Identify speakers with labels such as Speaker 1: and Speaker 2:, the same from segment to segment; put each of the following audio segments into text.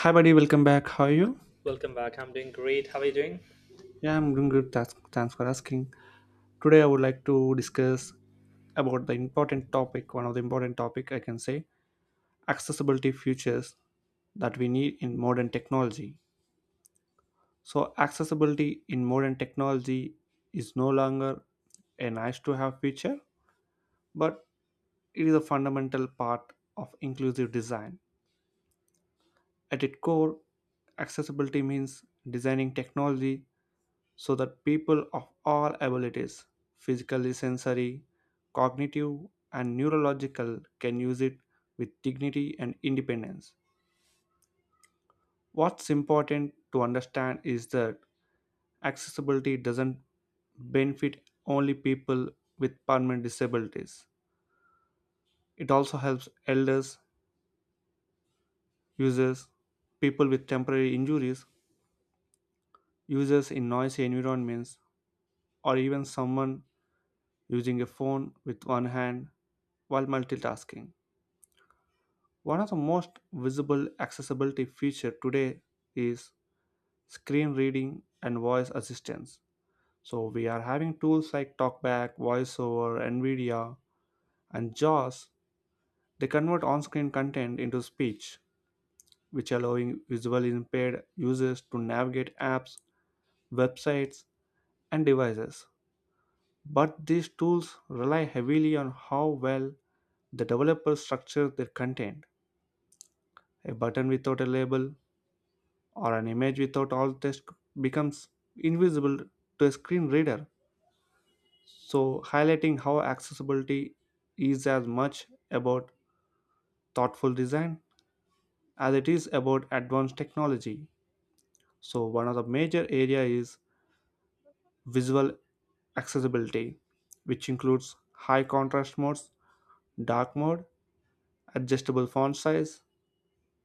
Speaker 1: Hi, buddy. Welcome back. How are you?
Speaker 2: Welcome back. I'm doing great. How are you doing?
Speaker 1: Yeah, I'm doing good. Thanks for asking. Today, I would like to discuss about the important topic. One of the important topic I can say accessibility features that we need in modern technology. So, accessibility in modern technology is no longer a nice to have feature, but it is a fundamental part of inclusive design. At its core, accessibility means designing technology so that people of all abilities, physically, sensory, cognitive, and neurological, can use it with dignity and independence. What's important to understand is that accessibility doesn't benefit only people with permanent disabilities. It also helps elders, users, people with temporary injuries, users in noisy environments, or even someone using a phone with one hand while multitasking. One of the most visible accessibility feature today is screen reading and voice assistance. So we are having tools like TalkBack, VoiceOver, NVIDIA, and JAWS. They convert on-screen content into speech, which allowing visually impaired users to navigate apps, websites, and devices. But these tools rely heavily on how well the developers structure their content. A button without a label or an image without all text becomes invisible to a screen reader. So, highlighting how accessibility is as much about thoughtful design as it is about advanced technology. So, one of the major area is visual accessibility, which includes high contrast modes, dark mode, adjustable font size,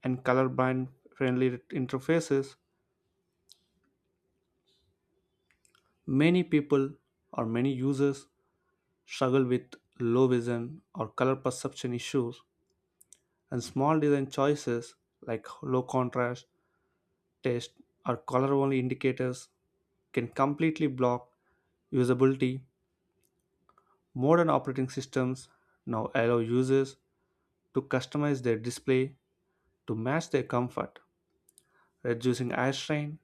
Speaker 1: and colorblind friendly interfaces. Many people or many users struggle with low vision or color perception issues, and small design choices like low contrast, taste, or color only indicators can completely block usability. Modern operating systems now allow users to customize their display to match their comfort, reducing eye strain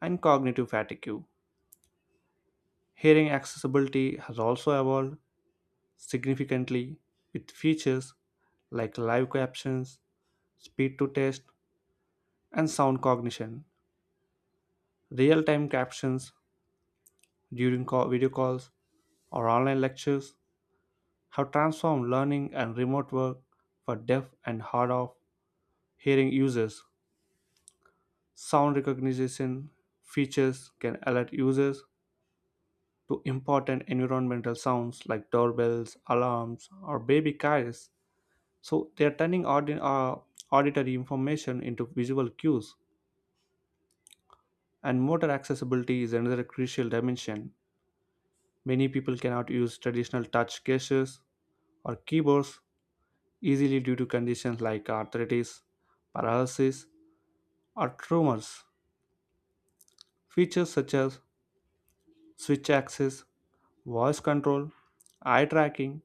Speaker 1: and cognitive fatigue. Hearing accessibility has also evolved significantly with features like live captions speed to text, and sound cognition. Real time captions during call, video calls or online lectures have transformed learning and remote work for deaf and hard of hearing users. Sound recognition features can alert users to important environmental sounds like doorbells, alarms, or baby cries. So they are turning auditory information into visual cues, and motor accessibility is another crucial dimension. Many people cannot use traditional touch gestures or keyboards easily due to conditions like arthritis, paralysis, or tremors. Features such as switch access, voice control, eye tracking,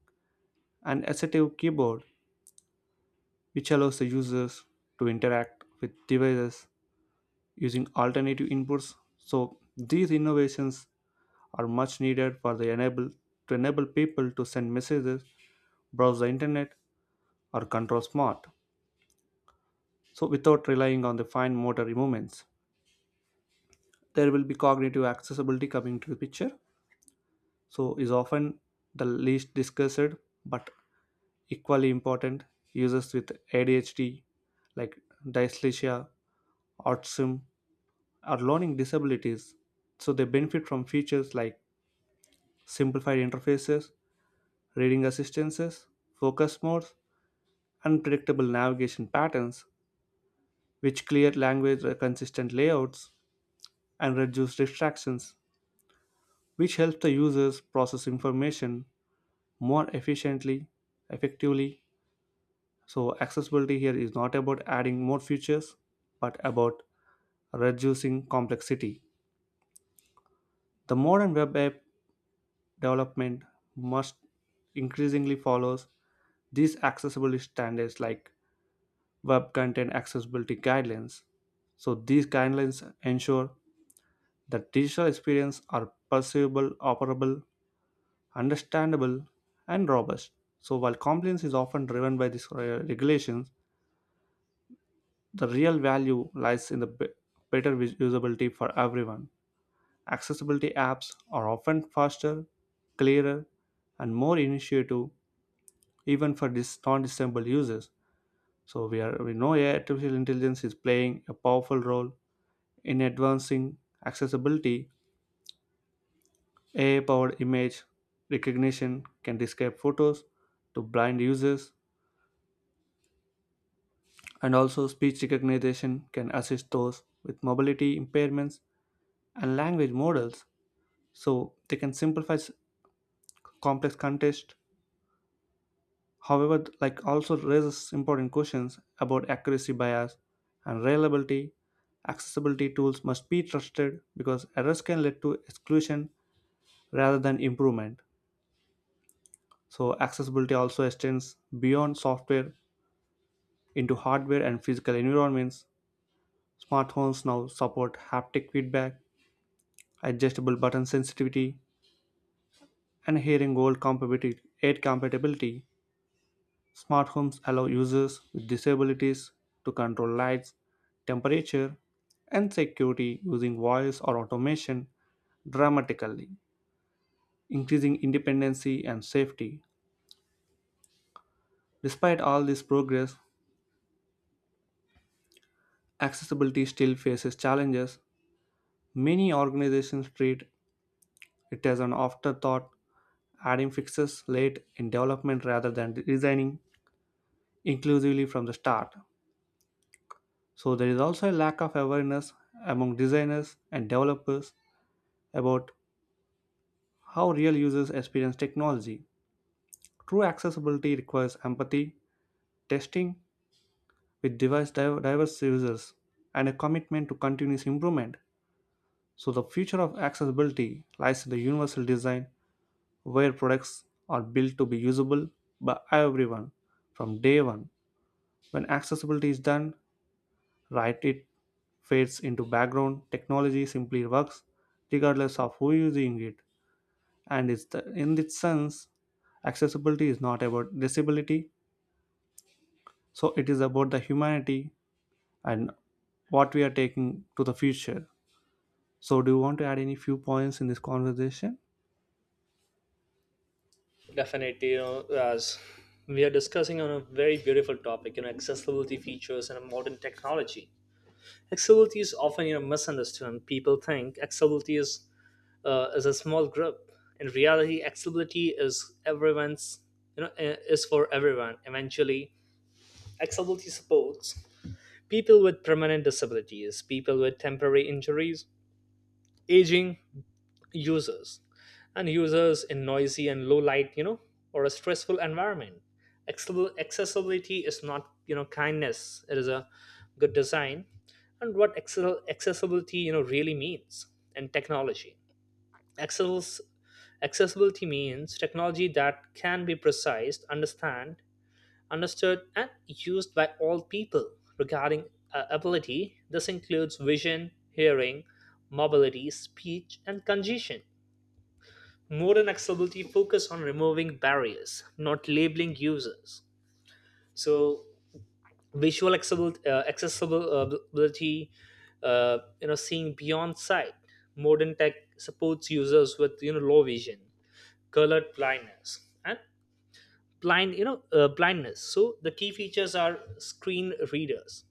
Speaker 1: and assistive keyboard, which allows the users to interact with devices using alternative inputs. So these innovations are much needed for the enable to enable people to send messages, browse the internet, or control smart. So without relying on the fine motor movements there will be cognitive accessibility coming to the picture, so is often the least discussed but equally important. Users with ADHD, like dyslexia, autism, or learning disabilities, so they benefit from features like simplified interfaces, reading assistances, focus modes, and predictable navigation patterns, which clear language, consistent layouts, and reduce distractions, which helps the users process information more efficiently, effectively. So, accessibility here is not about adding more features, but about reducing complexity. The modern web app development must increasingly follows these accessibility standards like web content accessibility guidelines. So these guidelines ensure that digital experiences are perceivable, operable, understandable, and robust. So, while compliance is often driven by these regulations, the real value lies in the better usability for everyone. Accessibility apps are often faster, clearer, and more initiative even for non-disabled users. So we know AI artificial intelligence is playing a powerful role in advancing accessibility. AI-powered image recognition can describe photos to blind users, and also speech recognition can assist those with mobility impairments, and language models so they can simplify complex context. However, like also raises important questions about accuracy bias and reliability. Accessibility tools must be trusted because errors can lead to exclusion rather than improvement. So accessibility also extends beyond software into hardware and physical environments. Smartphones now support haptic feedback, adjustable button sensitivity, and hearing gold compatibility, aid compatibility. Smart homes allow users with disabilities to control lights, temperature, and security using voice or automation, dramatically increasing independency and safety. Despite all this progress, accessibility still faces challenges. Many organizations treat it as an afterthought, adding fixes late in development rather than designing inclusively from the start. So there is also a lack of awareness among designers and developers about how real users experience technology. True accessibility requires empathy, testing with diverse users, and a commitment to continuous improvement. So the future of accessibility lies in the universal design where products are built to be usable by everyone from day one. When accessibility is done right, it fades into background technology, simply works regardless of who using it, and it's the, in its sense, accessibility is not about disability, so it is about the humanity and what we are taking to the future. So do you want to add any few points in this conversation?
Speaker 2: Definitely, as we are discussing on a very beautiful topic, accessibility features and modern technology. Accessibility is often misunderstood. And people think accessibility is a small group. In reality, accessibility is everyone's. Is for everyone. Eventually, accessibility supports people with permanent disabilities, people with temporary injuries, aging, users and users in noisy and low light or a stressful environment. Accessibility is not kindness, it is a good design. And what accessibility really means in technology. Access- Accessibility means technology that can be precise understand understood and used by all people, regarding ability. This includes vision, hearing, mobility, speech, and congestion. Modern accessibility focus on removing barriers, not labeling users. So visual accessible accessible ability, seeing beyond sight. Modern tech supports users with low vision, colored blindness, and blindness. So the key features are screen readers,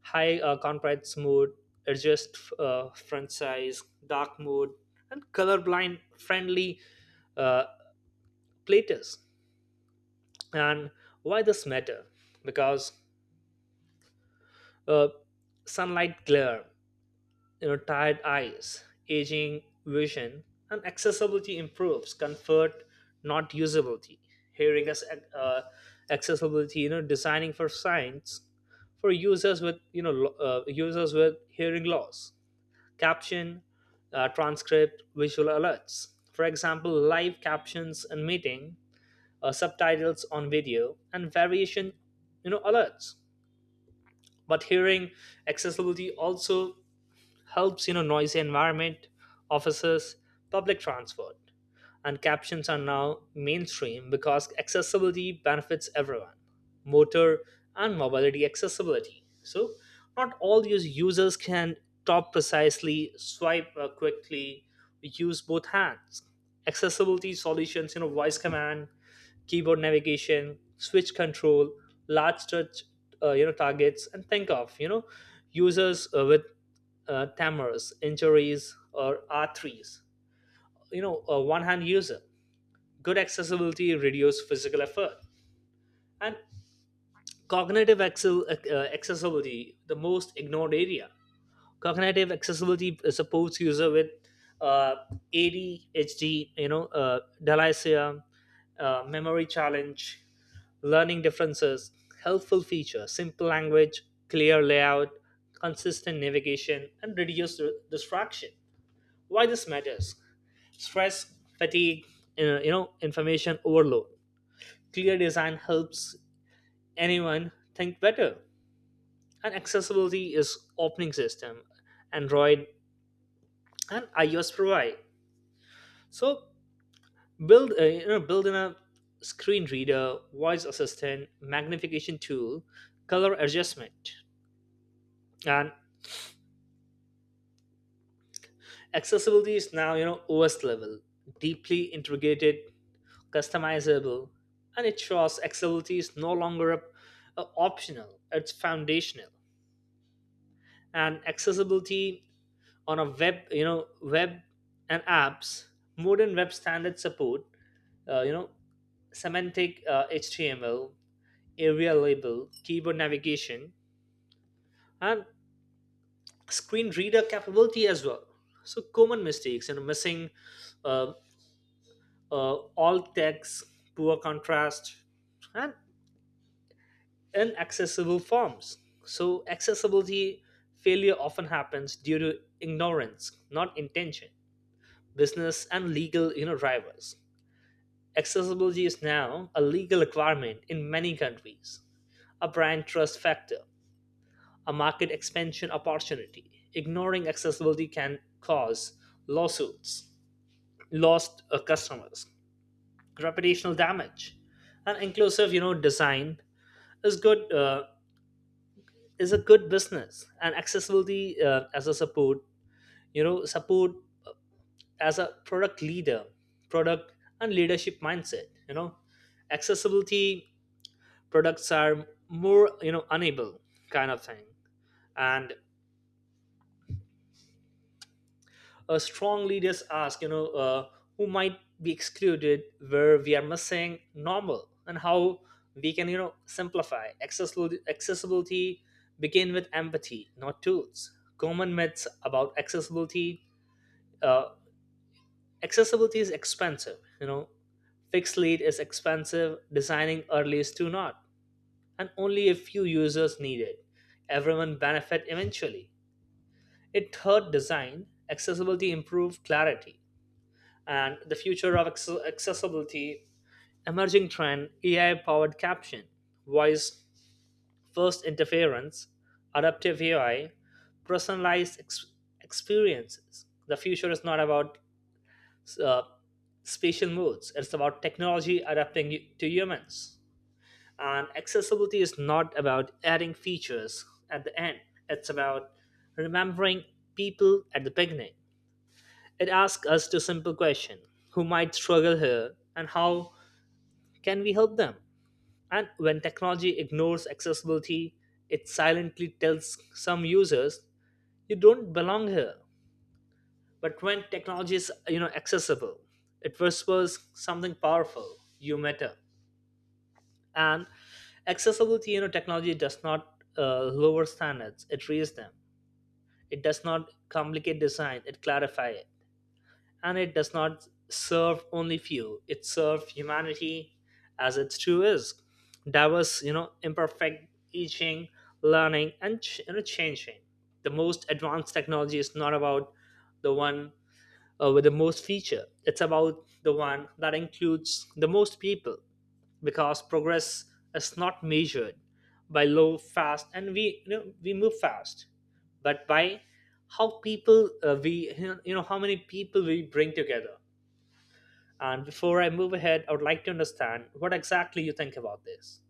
Speaker 2: high contrast mode, adjust front size, dark mode, and colorblind friendly uh, platters. And why this matter? Because uh, sunlight glare, tired eyes, aging vision, and accessibility improves comfort, not usability. Hearing us, uh, accessibility designing for science, for users with users with hearing loss. Caption, transcript, visual alerts, for example live captions in meeting, subtitles on video, and variation, alerts. But hearing accessibility also helps, noisy environment, offices, public transport, and captions are now mainstream because accessibility benefits everyone. Motor and mobility accessibility. So not all these users can talk precisely, swipe quickly, use both hands. Accessibility solutions, voice command, keyboard navigation, switch control, large touch, targets, and think of users with tamers, injuries, or R3s. You know, a one-hand user. Good accessibility reduce physical effort and cognitive accessibility, the most ignored area. Cognitive accessibility supports user with uh, ADHD, dyslexia, memory challenge, learning differences, helpful feature, simple language, clear layout, consistent navigation, and reduced distraction. Why this matters? Stress, fatigue, information overload. Clear design helps anyone think better. And accessibility is opening system. Android and iOS provide. So build you know build in a screen reader, voice assistant, magnification tool, color adjustment, and accessibility is now OS level, deeply integrated, customizable, and it shows accessibility is no longer a optional; it's foundational. And accessibility on a web, web and apps, modern web standard support, uh, you know semantic HTML area label, keyboard navigation, and screen reader capability as well. So common mistakes and missing uh, alt text, poor contrast, and inaccessible forms. So accessibility failure often happens due to ignorance, not intention. Business and legal, drivers. Accessibility is now a legal requirement in many countries, a brand trust factor, a market expansion opportunity. Ignoring accessibility can cause lawsuits, lost customers, reputational damage. And inclusive, design is good uh, is a good business. And accessibility as a support, support as a product leader, product and leadership mindset. Accessibility products are more, unable kind of thing. And strong leaders ask, who might be excluded, where we are missing normal, and how we can, simplify. Accessibility begin with empathy, not tools. Common myths about accessibility. Uh, Accessibility is expensive. You know, fixed lead is expensive. Designing early is too not, and only a few users need it. Everyone benefit eventually. It hurt design. Accessibility improved clarity. And the future of accessibility, emerging trend: AI powered caption, voice first interference, adaptive AI, personalized experiences. The future is not about uh, spatial modes, it's about technology adapting to humans. And accessibility is not about adding features at the end, it's about remembering people at the beginning. It asks us to simple question, who might struggle here and how can we help them? And when technology ignores accessibility, it silently tells some users you don't belong here. But when technology is accessible, it whispers something powerful, you matter. And accessibility technology does not lower standards, it raises them. It does not complicate design, it clarifies it, and it does not serve only few, it serves humanity. As its true is diverse, imperfect, teaching, learning, and changing. The most advanced technology is not about the one with the most feature, it's about the one that includes the most people, because progress is not measured by low fast, and we, we move fast, but by how people we, how many people we bring together. And before I move ahead, I would like to understand what exactly you think about this.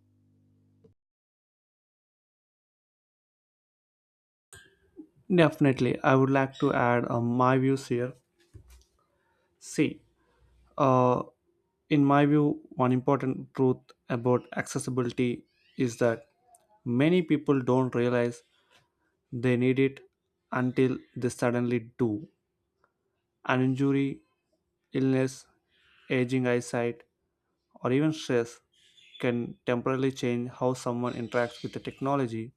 Speaker 1: Definitely, I would like to add my views here. See, uh, in my view, one important truth about accessibility is that many people don't realize they need it until they suddenly do. An injury, illness, aging eyesight, or even stress can temporarily change how someone interacts with the technology.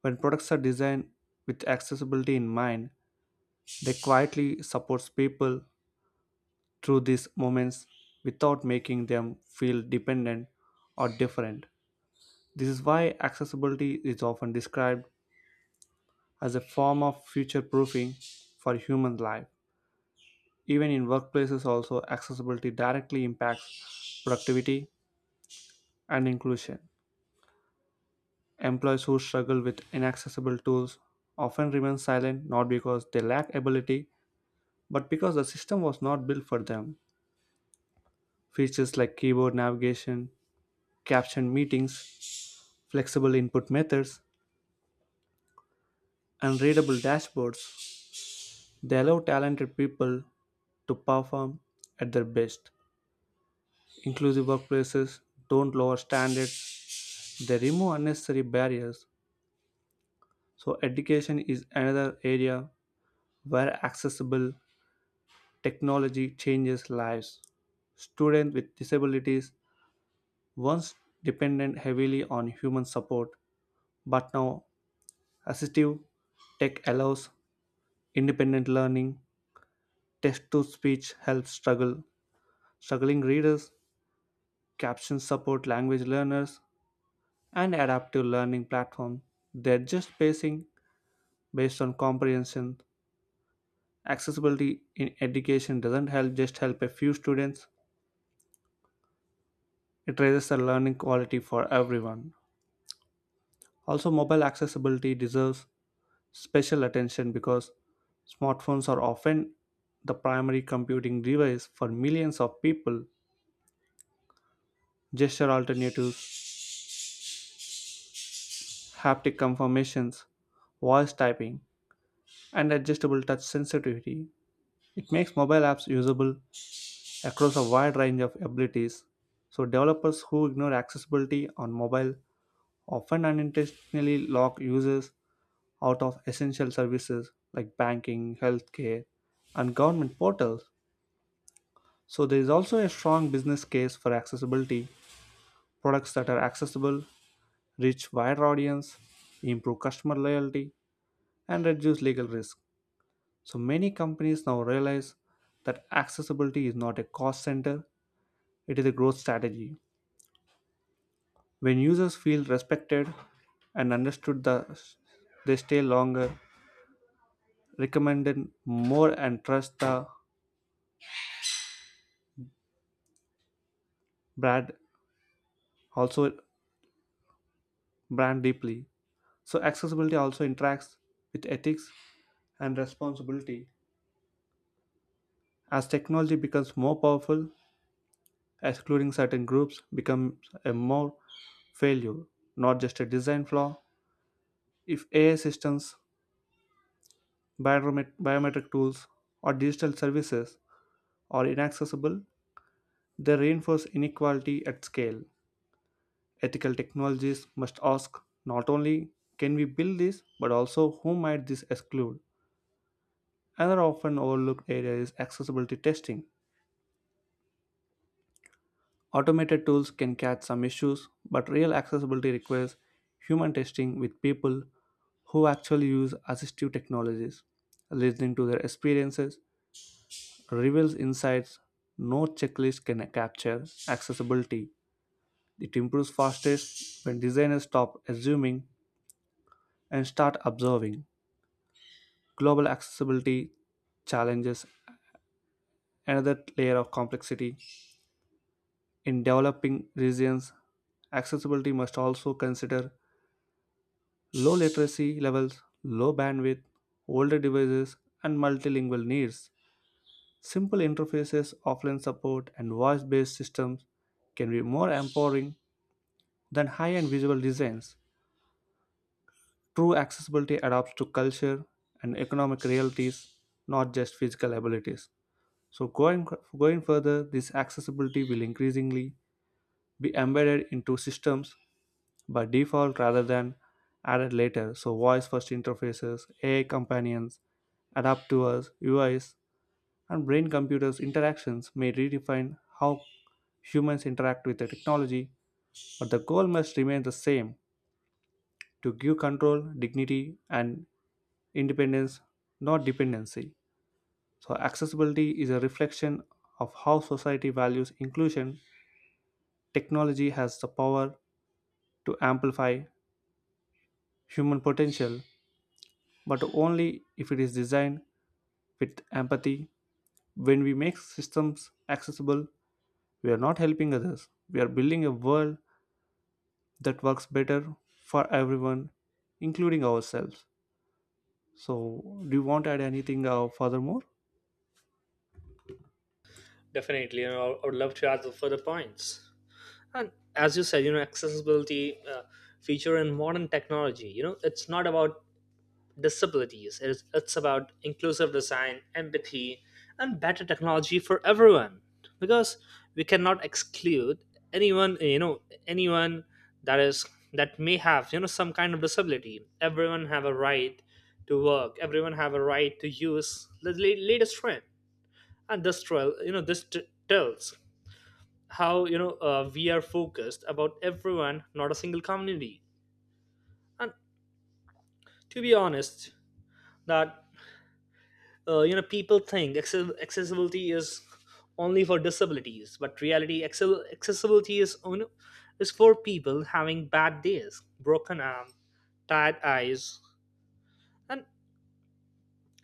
Speaker 1: When products are designed with accessibility in mind, they quietly supports people through these moments without making them feel dependent or different. This is why accessibility is often described as a form of future proofing for human life. Even in workplaces also accessibility directly impacts productivity and inclusion. Employees who struggle with inaccessible tools often remain silent, not because they lack ability but because the system was not built for them. Features like keyboard navigation, captioned meetings, flexible input methods, and readable dashboards, they allow talented people to perform at their best. Inclusive workplaces don't lower standards, they remove unnecessary barriers. So, education is another area where accessible technology changes lives. Students with disabilities once dependent heavily on human support, but now assistive tech allows independent learning. Text to speech helps struggling readers, caption support language learners, and adaptive learning platform. They're just pacing based on comprehension. Accessibility in education doesn't help just help a few students. It raises the learning quality for everyone. Also, mobile accessibility deserves special attention because smartphones are often the primary computing device for millions of people. Gesture alternatives, haptic confirmations, voice typing, and adjustable touch sensitivity. It makes mobile apps usable across a wide range of abilities. So, developers who ignore accessibility on mobile often unintentionally lock users out of essential services like banking, healthcare, and government portals. So, there is also a strong business case for accessibility. Products that are accessible reach wider audience, improve customer loyalty, and reduce legal risk. So, many companies now realize that accessibility is not a cost center, it is a growth strategy. When users feel respected and understood, the, they stay longer, recommended more, and trust the brand. Also, brand deeply. So, accessibility also interacts with ethics and responsibility. As technology becomes more powerful, excluding certain groups becomes a more failure, not just a design flaw. If AI systems, biometric tools, or digital services are inaccessible, they reinforce inequality at scale. Ethical technologies must ask not only can we build this, but also who might this exclude? Another often overlooked area is accessibility testing. Automated tools can catch some issues, but real accessibility requires human testing with people who actually use assistive technologies. Listening to their experiences reveals insights no checklist can capture. Accessibility It improves fastest when designers stop assuming and start observing. Global accessibility challenges another layer of complexity. In developing regions, accessibility must also consider low literacy levels, low bandwidth, older devices, and multilingual needs. Simple interfaces, offline support, and voice based systems can be more empowering than high end visual designs. True accessibility adapts to culture and economic realities, not just physical abilities. So, going further, this accessibility will increasingly be embedded into systems by default rather than added later. So, voice first interfaces, AI companions, adapt to us, UIs, and brain computers interactions may redefine how humans interact with the technology, but the goal must remain the same: to give control, dignity, and independence, not dependency. So, accessibility is a reflection of how society values inclusion. Technology has the power to amplify human potential but only if it is designed with empathy. When we make systems accessible, we are not helping others, we are building a world that works better for everyone, including ourselves. So, do you want to add anything furthermore?
Speaker 2: Definitely, I would love to add further points. And as you said, accessibility feature in modern technology, it's not about disabilities. It's about inclusive design, empathy, and better technology for everyone. Because we cannot exclude anyone, anyone that is that may have some kind of disability. Everyone have a right to work. Everyone have a right to use the latest trend. And this trail, tells how we are focused about everyone, not a single community. And to be honest, that people think accessibility is only for disabilities, but reality accessibility is for people having bad days, broken arm, tired eyes, and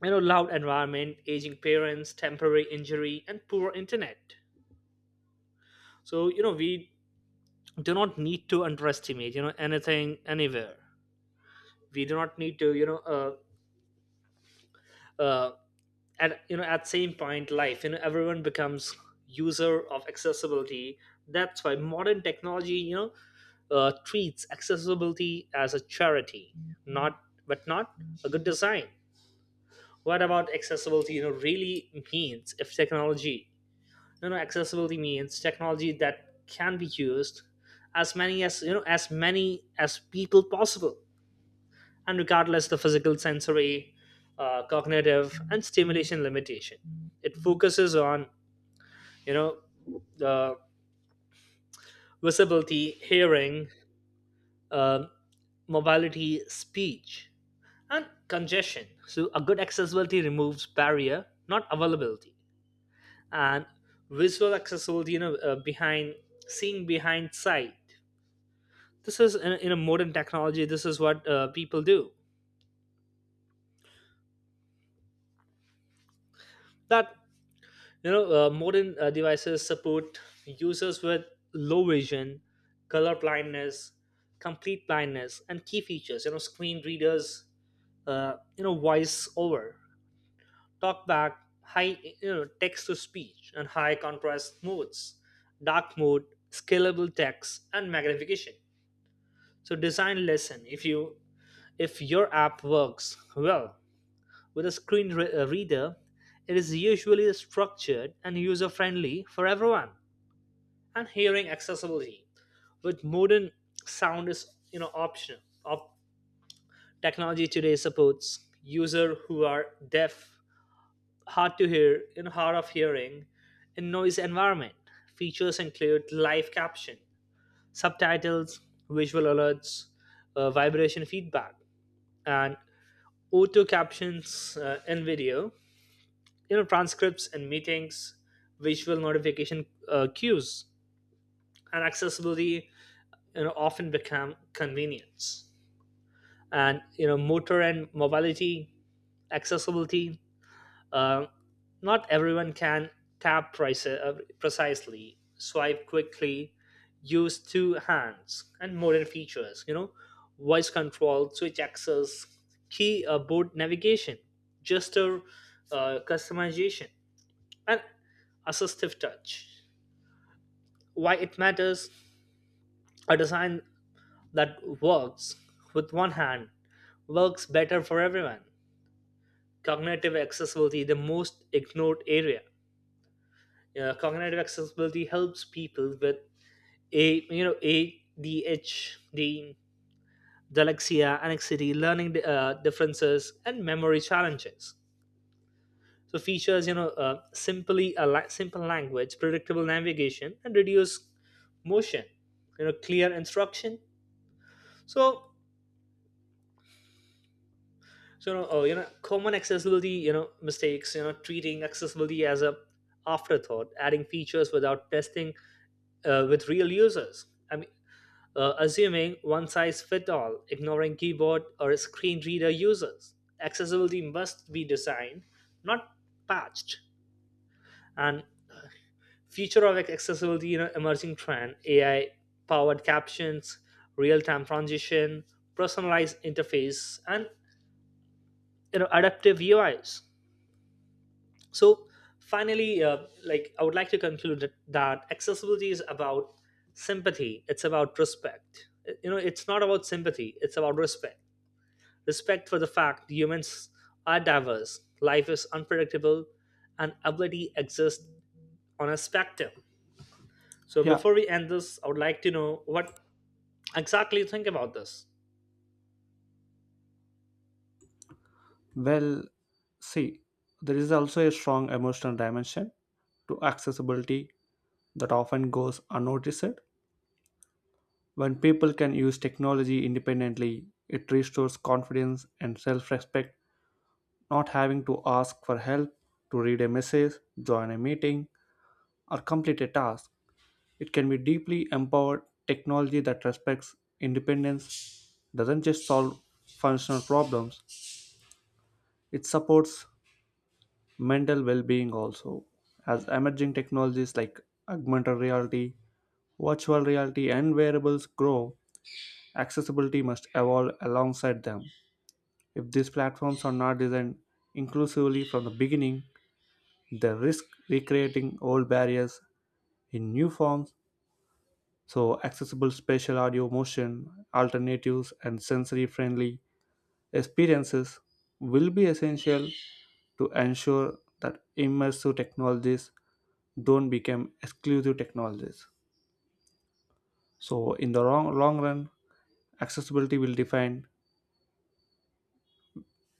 Speaker 2: loud environment, aging parents, temporary injury, and poor internet. So we do not need to underestimate anything anywhere. We do not need to uh, at at same point life, everyone becomes user of accessibility. That's why modern technology, treats accessibility as a charity, not not a good design. What about accessibility really means if technology, accessibility means technology that can be used as many as as many as people possible, and regardless the physical, sensory, cognitive, and stimulation limitation. It focuses on you know the visibility, hearing, uh, mobility, speech, and congestion. So a good accessibility removes barrier, not availability. And visual accessibility, behind, seeing behind sight, this is in a modern technology, this is what people do that. You know, modern devices support users with low vision, color blindness, complete blindness, and key features. You know, screen readers, voice over, talkback, high, text to speech, and high contrast modes, dark mode, scalable text, and magnification. So, design lesson: if you if your app works well with a screen reader, it is usually structured and user friendly for everyone. And hearing accessibility with modern sound is optional of technology today supports user who are deaf, hard to hear and hard of hearing in noise environment. Features include live caption, subtitles, visual alerts, vibration feedback, and auto captions in video, transcripts in meetings, visual notification cues, and accessibility often become convenience. And motor and mobility accessibility. uh, Not everyone can tap precisely, swipe quickly, use two hands. And modern features, voice control, switch access, key board navigation, gesture customization, and assistive touch. Why it matters? A design that works with one hand works better for everyone. Cognitive accessibility, the most ignored area. Cognitive accessibility helps people with a you know ADHD, dyslexia, anxiety, learning differences, and memory challenges. So features, simple language, predictable navigation, and reduced motion. You know, clear instruction. So common accessibility, mistakes. You know, treating accessibility as a afterthought, adding features without testing with real users. I mean, assuming one size fit all, ignoring keyboard or screen reader users. Accessibility must be designed, not patched. And future of accessibility, emerging trend: AI powered captions, real time transition, personalized interface, and adaptive UIs. So finally, I would like to conclude that accessibility is about sympathy. It's about respect. You know, it's not about sympathy. It's about respect. Respect for the fact humans are diverse, life is unpredictable, and ability exists on a spectrum. So
Speaker 1: Yeah,
Speaker 2: before we end this, I would like to know what exactly you think about this.
Speaker 1: well, see, there is also a strong emotional dimension to accessibility that often goes unnoticed. When people can use technology independently, it restores confidence and self respect, not having to ask for help to read a message, join a meeting, or complete a task. It can be deeply empowered. Technology that respects independence doesn't just solve functional problems, it supports mental well being also. As emerging technologies like augmented reality, virtual reality, and wearables grow, accessibility must evolve alongside them. If these platforms are not designed inclusively from the beginning, they risk recreating old barriers in new forms, so accessible spatial audio motion alternatives and sensory friendly experiences will be essential to ensure that immersive technologies don't become exclusive technologies. So, in the long run, accessibility will define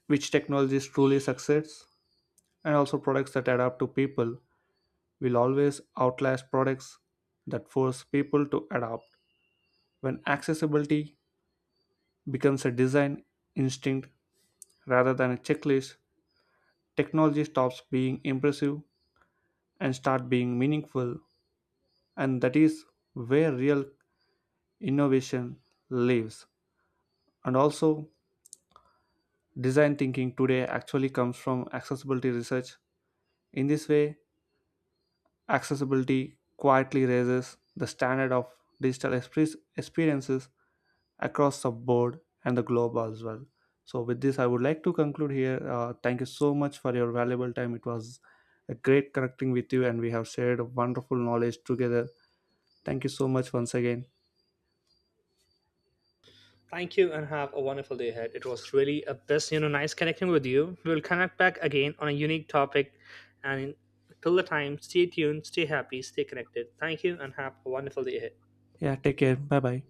Speaker 1: which technologies truly succeeds, and also products that adapt to people will always outlast products that force people to adapt. When accessibility becomes a design instinct rather than a checklist, technology stops being impressive and start being meaningful, and that is where real innovation lives. And also, design thinking today actually comes from accessibility research. In this way, accessibility quietly raises the standard of digital experiences across the board and the globe as well. So, with this, I would like to conclude here. Thank you so much for your valuable time. It was a great connecting with you, and we have shared wonderful knowledge together. Thank you so much once again.
Speaker 2: Thank you and have a wonderful day ahead. It was really a best, nice connecting with you. We'll connect back again on a unique topic. And till the time, stay tuned, stay happy, stay connected. Thank you and have a wonderful day ahead.
Speaker 1: Yeah, take care. Bye bye.